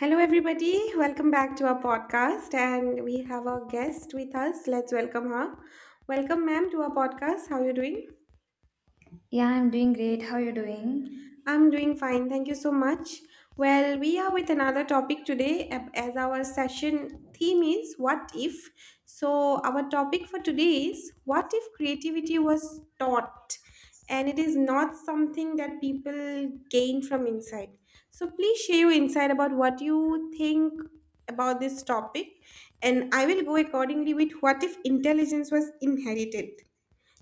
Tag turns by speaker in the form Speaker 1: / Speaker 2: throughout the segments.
Speaker 1: Hello, everybody. Welcome back to our podcast. And we have our guest with us. Let's welcome her. Welcome, ma'am, to our podcast. How are you doing?
Speaker 2: Yeah, I'm doing great. How are you doing?
Speaker 1: I'm doing fine. Thank you so much. Well, we are with another topic today as our session theme is what if. So, our topic for today is what if creativity was taught and it is not something that people gain from inside. So, please share your insight about what you think about this topic, and I will go accordingly with what if intelligence was inherited.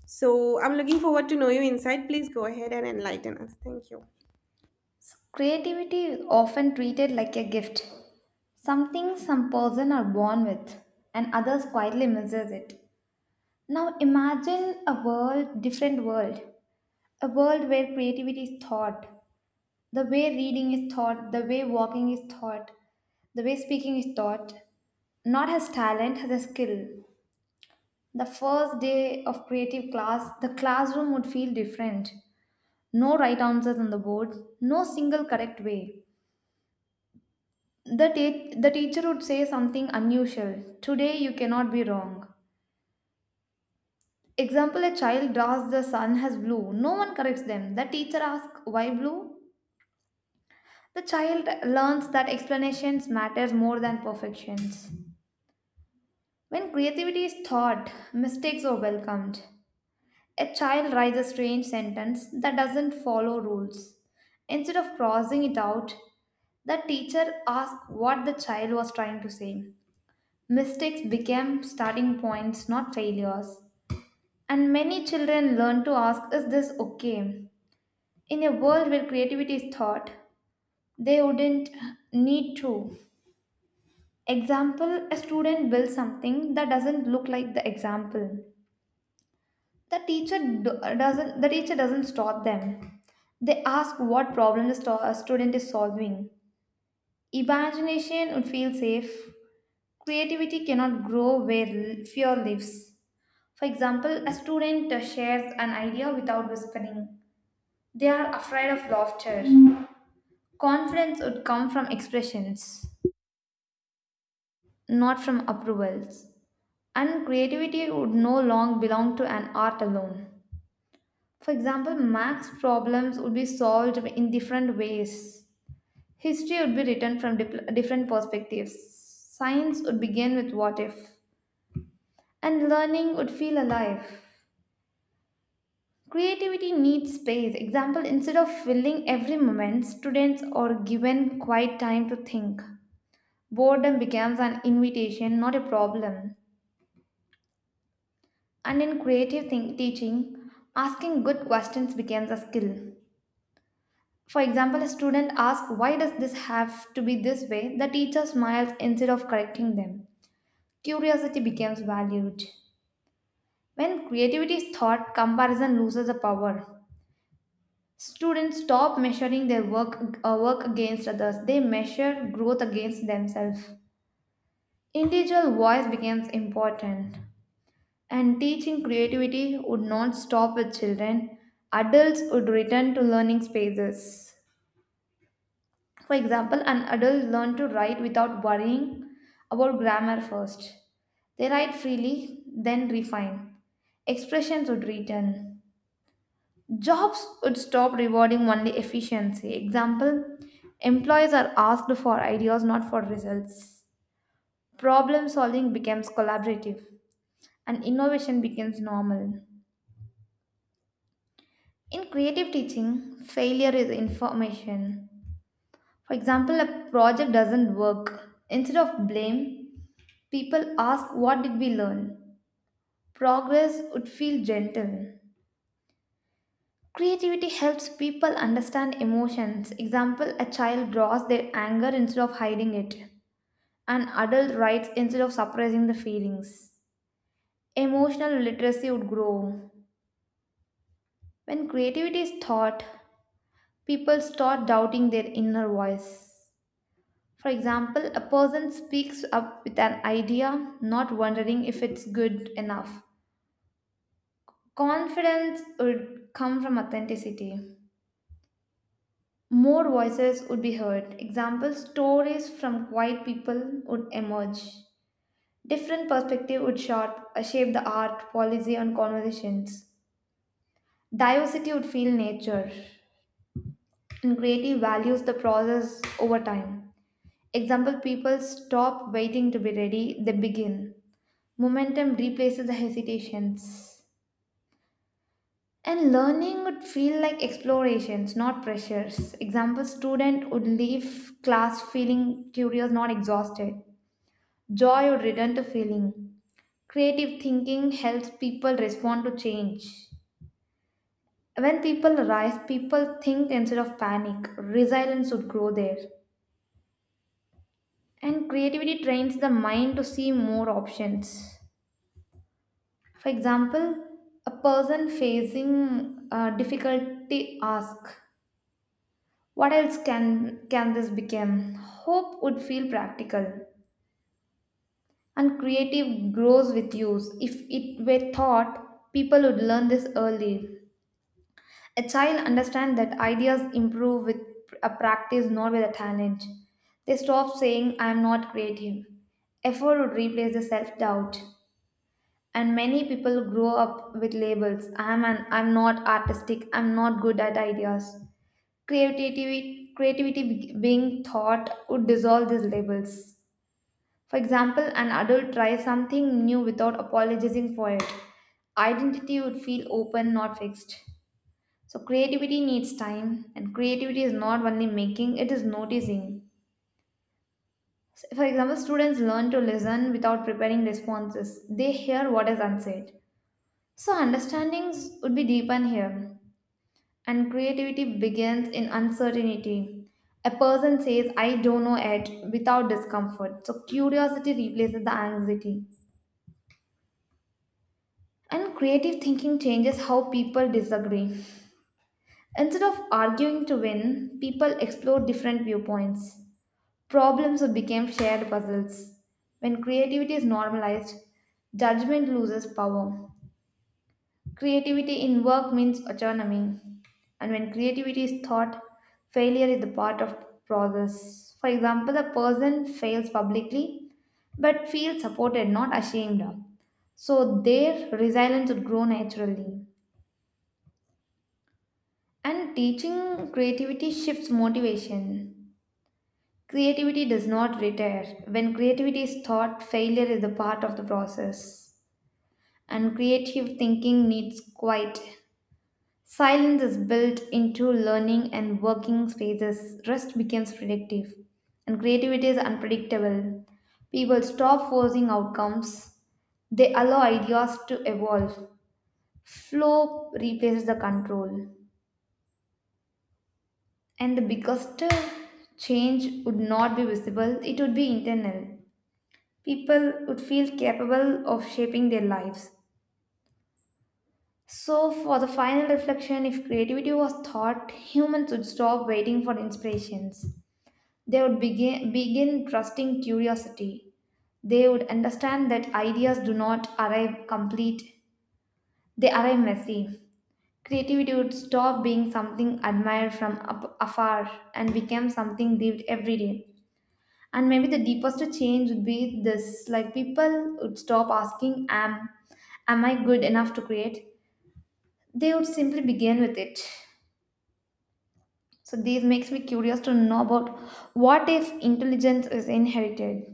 Speaker 1: So, I'm looking forward to know your insight. Please go ahead and enlighten us. Thank you.
Speaker 2: So creativity is often treated like a gift, something some person are born with, and others quietly misses it. Now imagine a world, different world, a world where creativity is taught, the way reading is taught, the way walking is taught, the way speaking is taught, not as talent, as a skill. The first day of creative class, the classroom would feel different. No right answers on the board, no single correct way. The teacher would say something unusual. Today you cannot be wrong. Example, a child draws the sun as blue. No one corrects them. The teacher asks, why blue? The child learns that explanations matters more than perfections. When creativity is taught, mistakes are welcomed. A child writes a strange sentence that doesn't follow rules. Instead of crossing it out, the teacher asked what the child was trying to say. Mistakes became starting points, not failures. And many children learn to ask, is this okay? In a world where creativity is taught, they wouldn't need to. Example, a student builds something that doesn't look like the example. The teacher doesn't stop them. They ask what problem the a student is solving. Imagination would feel safe. Creativity cannot grow where fear lives. For example, a student shares an idea without whispering. They are afraid of laughter. Confidence would come from expressions, not from approvals. And creativity would no longer belong to an art alone. For example, Max problems would be solved in different ways. History would be written from different perspectives. Science would begin with what if. And learning would feel alive. Creativity needs space. Example, instead of filling every moment, students are given quiet time to think. Boredom becomes an invitation, not a problem. And in creative teaching, asking good questions becomes a skill. For example, a student asks, why does this have to be this way? The teacher smiles instead of correcting them. Curiosity becomes valued. When creativity is taught, comparison loses the power. Students stop measuring their work against others, they measure growth against themselves. Individual voice becomes important, and teaching creativity would not stop with children. Adults would return to learning spaces. For example, an adult learned to write without worrying about grammar first. They write freely, then refine. Expressions would return. Jobs would stop rewarding only efficiency. Example, employees are asked for ideas, not for results. Problem solving becomes collaborative, and innovation becomes normal. In creative teaching, failure is information. For example, a project doesn't work. Instead of blame, people ask, what did we learn? Progress would feel gentle. Creativity helps people understand emotions. Example, a child draws their anger instead of hiding it. An adult writes instead of suppressing the feelings. Emotional literacy would grow. When creativity is taught, people start doubting their inner voice. For example, a person speaks up with an idea, not wondering if it's good enough. Confidence would come from authenticity. More voices would be heard. Example, stories from quiet people would emerge. Different perspective would shape the art, policy, and conversations. Diversity would feel nature, and creative values the process over time. Example, people stop waiting to be ready, they begin. Momentum replaces the hesitations. And learning would feel like explorations, not pressures. Example, student would leave class feeling curious, not exhausted. Joy would return to feeling. Creative thinking helps people respond to change. When people rise, people think instead of panic. Resilience would grow there. And creativity trains the mind to see more options. For example, a person facing a difficulty ask, what else can this become? Hope would feel practical, and creative grows with use. If it were taught, people would learn this early. A child understands that ideas improve with a practice, not with a talent. They stop saying, I am not creative. Effort would replace the self doubt. And many people grow up with labels. I am an I'm not artistic, I'm not good at ideas. Being thought would dissolve these labels. For example, an adult tries something new without apologizing for it. Identity would feel open, not fixed. So, creativity needs time, and creativity is not only making, it is noticing. So, for example, students learn to listen without preparing responses, they hear what is unsaid. So, understandings would be deepened here. And creativity begins in uncertainty. A person says, I don't know it without discomfort. So curiosity replaces the anxiety. And creative thinking changes how people disagree. Instead of arguing to win, people explore different viewpoints. Problems became shared puzzles. When creativity is normalized, judgment loses power. Creativity in work means autonomy, and when creativity is thought, failure is the part of process. For example, a person fails publicly but feels supported, not ashamed. So their resilience would grow naturally. And teaching creativity shifts motivation. Creativity does not retire. When creativity is taught, failure is the part of the process. And creative thinking needs quiet. Silence is built into learning and working spaces. Rest becomes predictive, and creativity is unpredictable. People stop forcing outcomes, they allow ideas to evolve. Flow replaces the control, and the biggest change would not be visible, it would be internal. People would feel capable of shaping their lives. So, for the final reflection, if creativity was thought, humans would stop waiting for inspirations. They would begin trusting curiosity. They would understand that ideas do not arrive complete, they arrive messy. Creativity would stop being something admired from afar and become something lived every day. And maybe the deepest change would be this, like people would stop asking, am I good enough to create? They would simply begin with it. So, this makes me curious to know about, what if intelligence is inherited?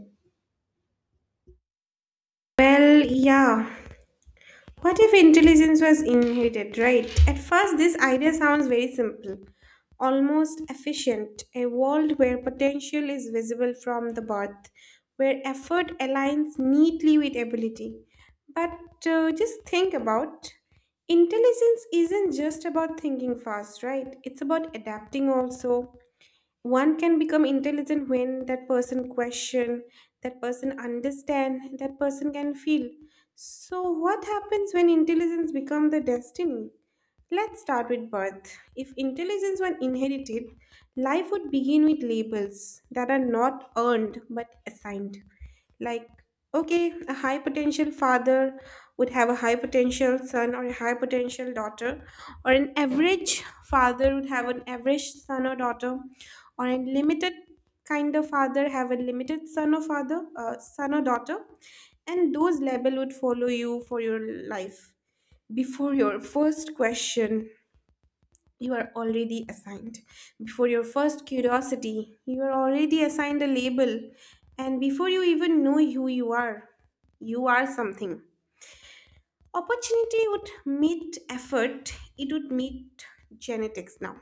Speaker 1: Well, yeah. What if intelligence was inherited, right? At first, this idea sounds very simple, almost efficient. A world where potential is visible from the birth, where effort aligns neatly with ability. But just think about, intelligence isn't just about thinking fast, right? It's about adapting also. One can become intelligent when that person question, that person understand, that person can feel. So what happens when intelligence become the destiny? Let's start with birth. If intelligence were inherited, life would begin with labels that are not earned but assigned. Like, okay, a high potential father would have a high potential son or a high potential daughter, or an average father would have an average son or daughter, or a limited kind of father have a limited son or son or daughter, and those label would follow you for your life. Before your first question, you are already assigned. Before your first curiosity, you are already assigned a label. And before you even know who you are something. Opportunity would meet effort, it would meet genetics now.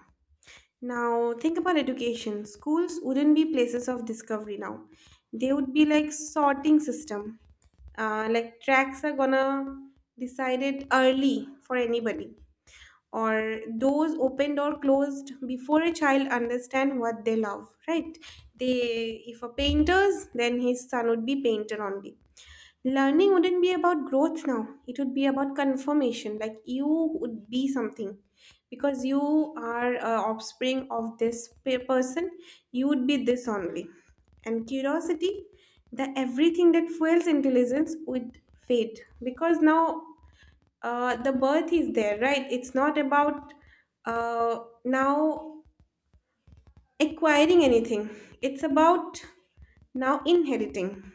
Speaker 1: Now, think about education. Schools wouldn't be places of discovery now, they would be like sorting system. Like tracks are gonna decide it early for anybody, or doors opened or closed before a child understand what they love, right? They, if a painter's, then his son would be painter only. Learning wouldn't be about growth now, it would be about confirmation. Like you would be something because you are, offspring of this person, you would be this only. And curiosity, the everything that fuels intelligence would fade, because now, the birth is there, right? It's not about, uh, now acquiring anything, it's about now inheriting.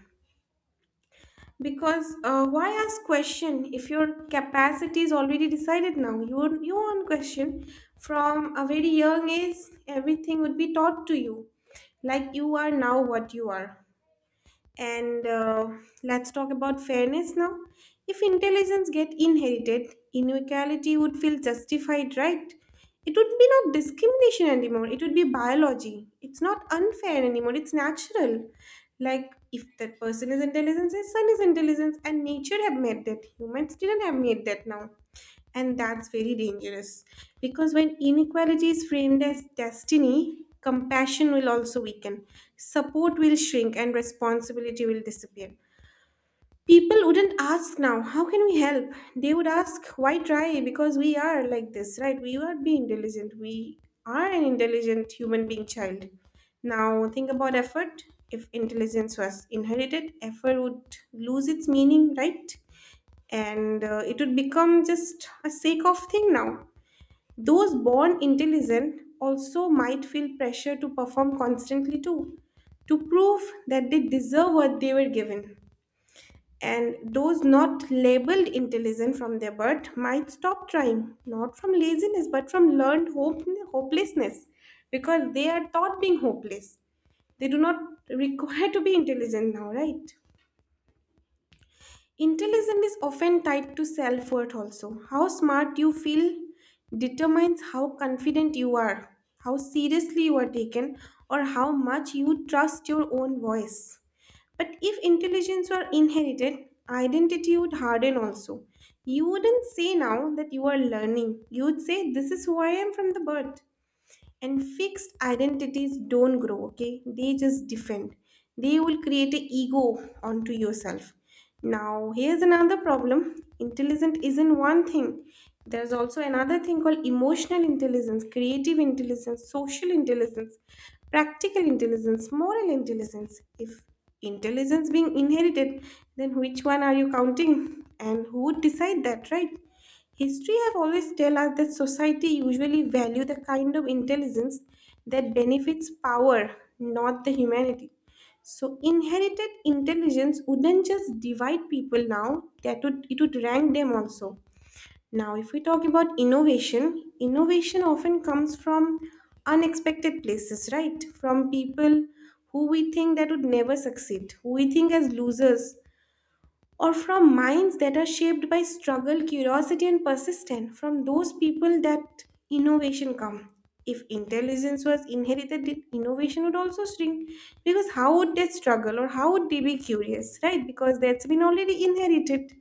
Speaker 1: Because why ask question if your capacity is already decided now? You on question from a very young age, everything would be taught to you, like you are now what you are. And let's talk about fairness now. If intelligence get inherited, inequality would feel justified, right? It would be not discrimination anymore. It would be biology. It's not unfair anymore. It's natural. Like if that person is intelligent, his son is intelligent, and nature have made that. Humans didn't have made that now. And that's very dangerous, because when inequality is framed as destiny, compassion will also weaken, support will shrink, and responsibility will disappear. People wouldn't ask now, how can we help? They would ask, why try? Because we are like this, right? We are being diligent. We are an intelligent human being child. Now, think about effort. If intelligence was inherited, effort would lose its meaning, right? And it would become just a sake of thing now. Those born intelligent also might feel pressure to perform constantly too, to prove that they deserve what they were given, and those not labeled intelligent from their birth might stop trying, not from laziness but from learned hopelessness, because they are taught being hopeless, they do not require to be intelligent now, right? Intelligence is often tied to self worth, also. How smart you feel determines how confident you are, how seriously you are taken, or how much you trust your own voice. But if intelligence were inherited, identity would harden also. You wouldn't say now that you are learning, you would say, this is who I am from the birth. And fixed identities don't grow, okay? They just defend. They will create an ego onto yourself. Now, here's another problem. Intelligent isn't one thing. There's also another thing called emotional intelligence, creative intelligence, social intelligence, practical intelligence, moral intelligence. If intelligence being inherited, then which one are you counting? And who would decide that, right? History have always tell us that society usually value the kind of intelligence that benefits power, not the humanity. So inherited intelligence wouldn't just divide people now, that would it would rank them also. Now if we talk about innovation, innovation often comes from unexpected places, right? From people who we think that would never succeed, who we think as losers, or from minds that are shaped by struggle, curiosity, and persistence. From those people that innovation come. If intelligence was inherited, then innovation would also shrink. Because how would they struggle or how would they be curious, right? Because that's been already inherited.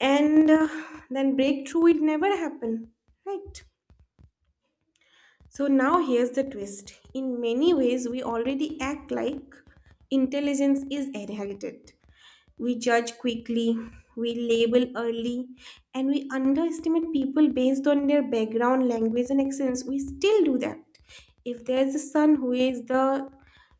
Speaker 1: And then breakthrough would never happen, right? So now here's the twist. In many ways, we already act like intelligence is inherited. We judge quickly, we label early, and we underestimate people based on their background, language, and accents. We still do that. If there is a son who is the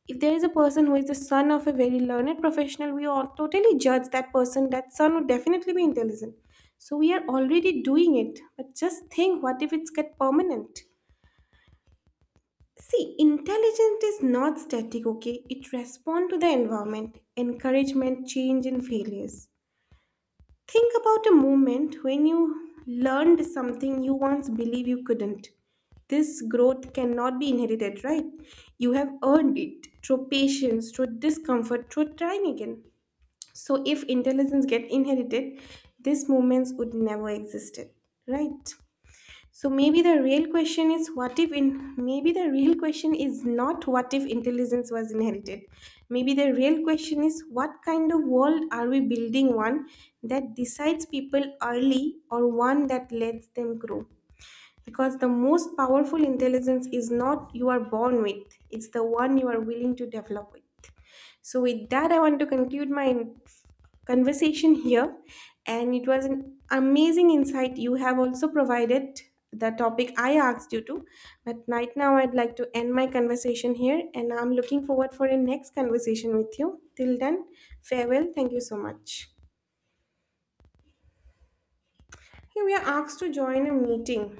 Speaker 1: If there is a person who is the son of a very learned professional, we all totally judge that person. That son would definitely be intelligent. So we are already doing it. But just think, what if it's get permanent? See, intelligence is not static, okay? It responds to the environment, encouragement, change, and failures. Think about a moment when you learned something you once believed you couldn't. This growth cannot be inherited, right? You have earned it through patience, through discomfort, through trying again. So if intelligence get inherited, these moments would never existed, right? So maybe the real question is not what if intelligence was inherited. Maybe the real question is, what kind of world are we building? One that decides people early, or one that lets them grow. Because the most powerful intelligence is not you are born with, it's the one you are willing to develop with. So, with that, I want to conclude my conversation here. And it was an amazing insight you have also provided the topic I asked you to. But right now, I'd like to end my conversation here. And I'm looking forward for a next conversation with you. Till then, farewell. Thank you so much. Here we are asked to join a meeting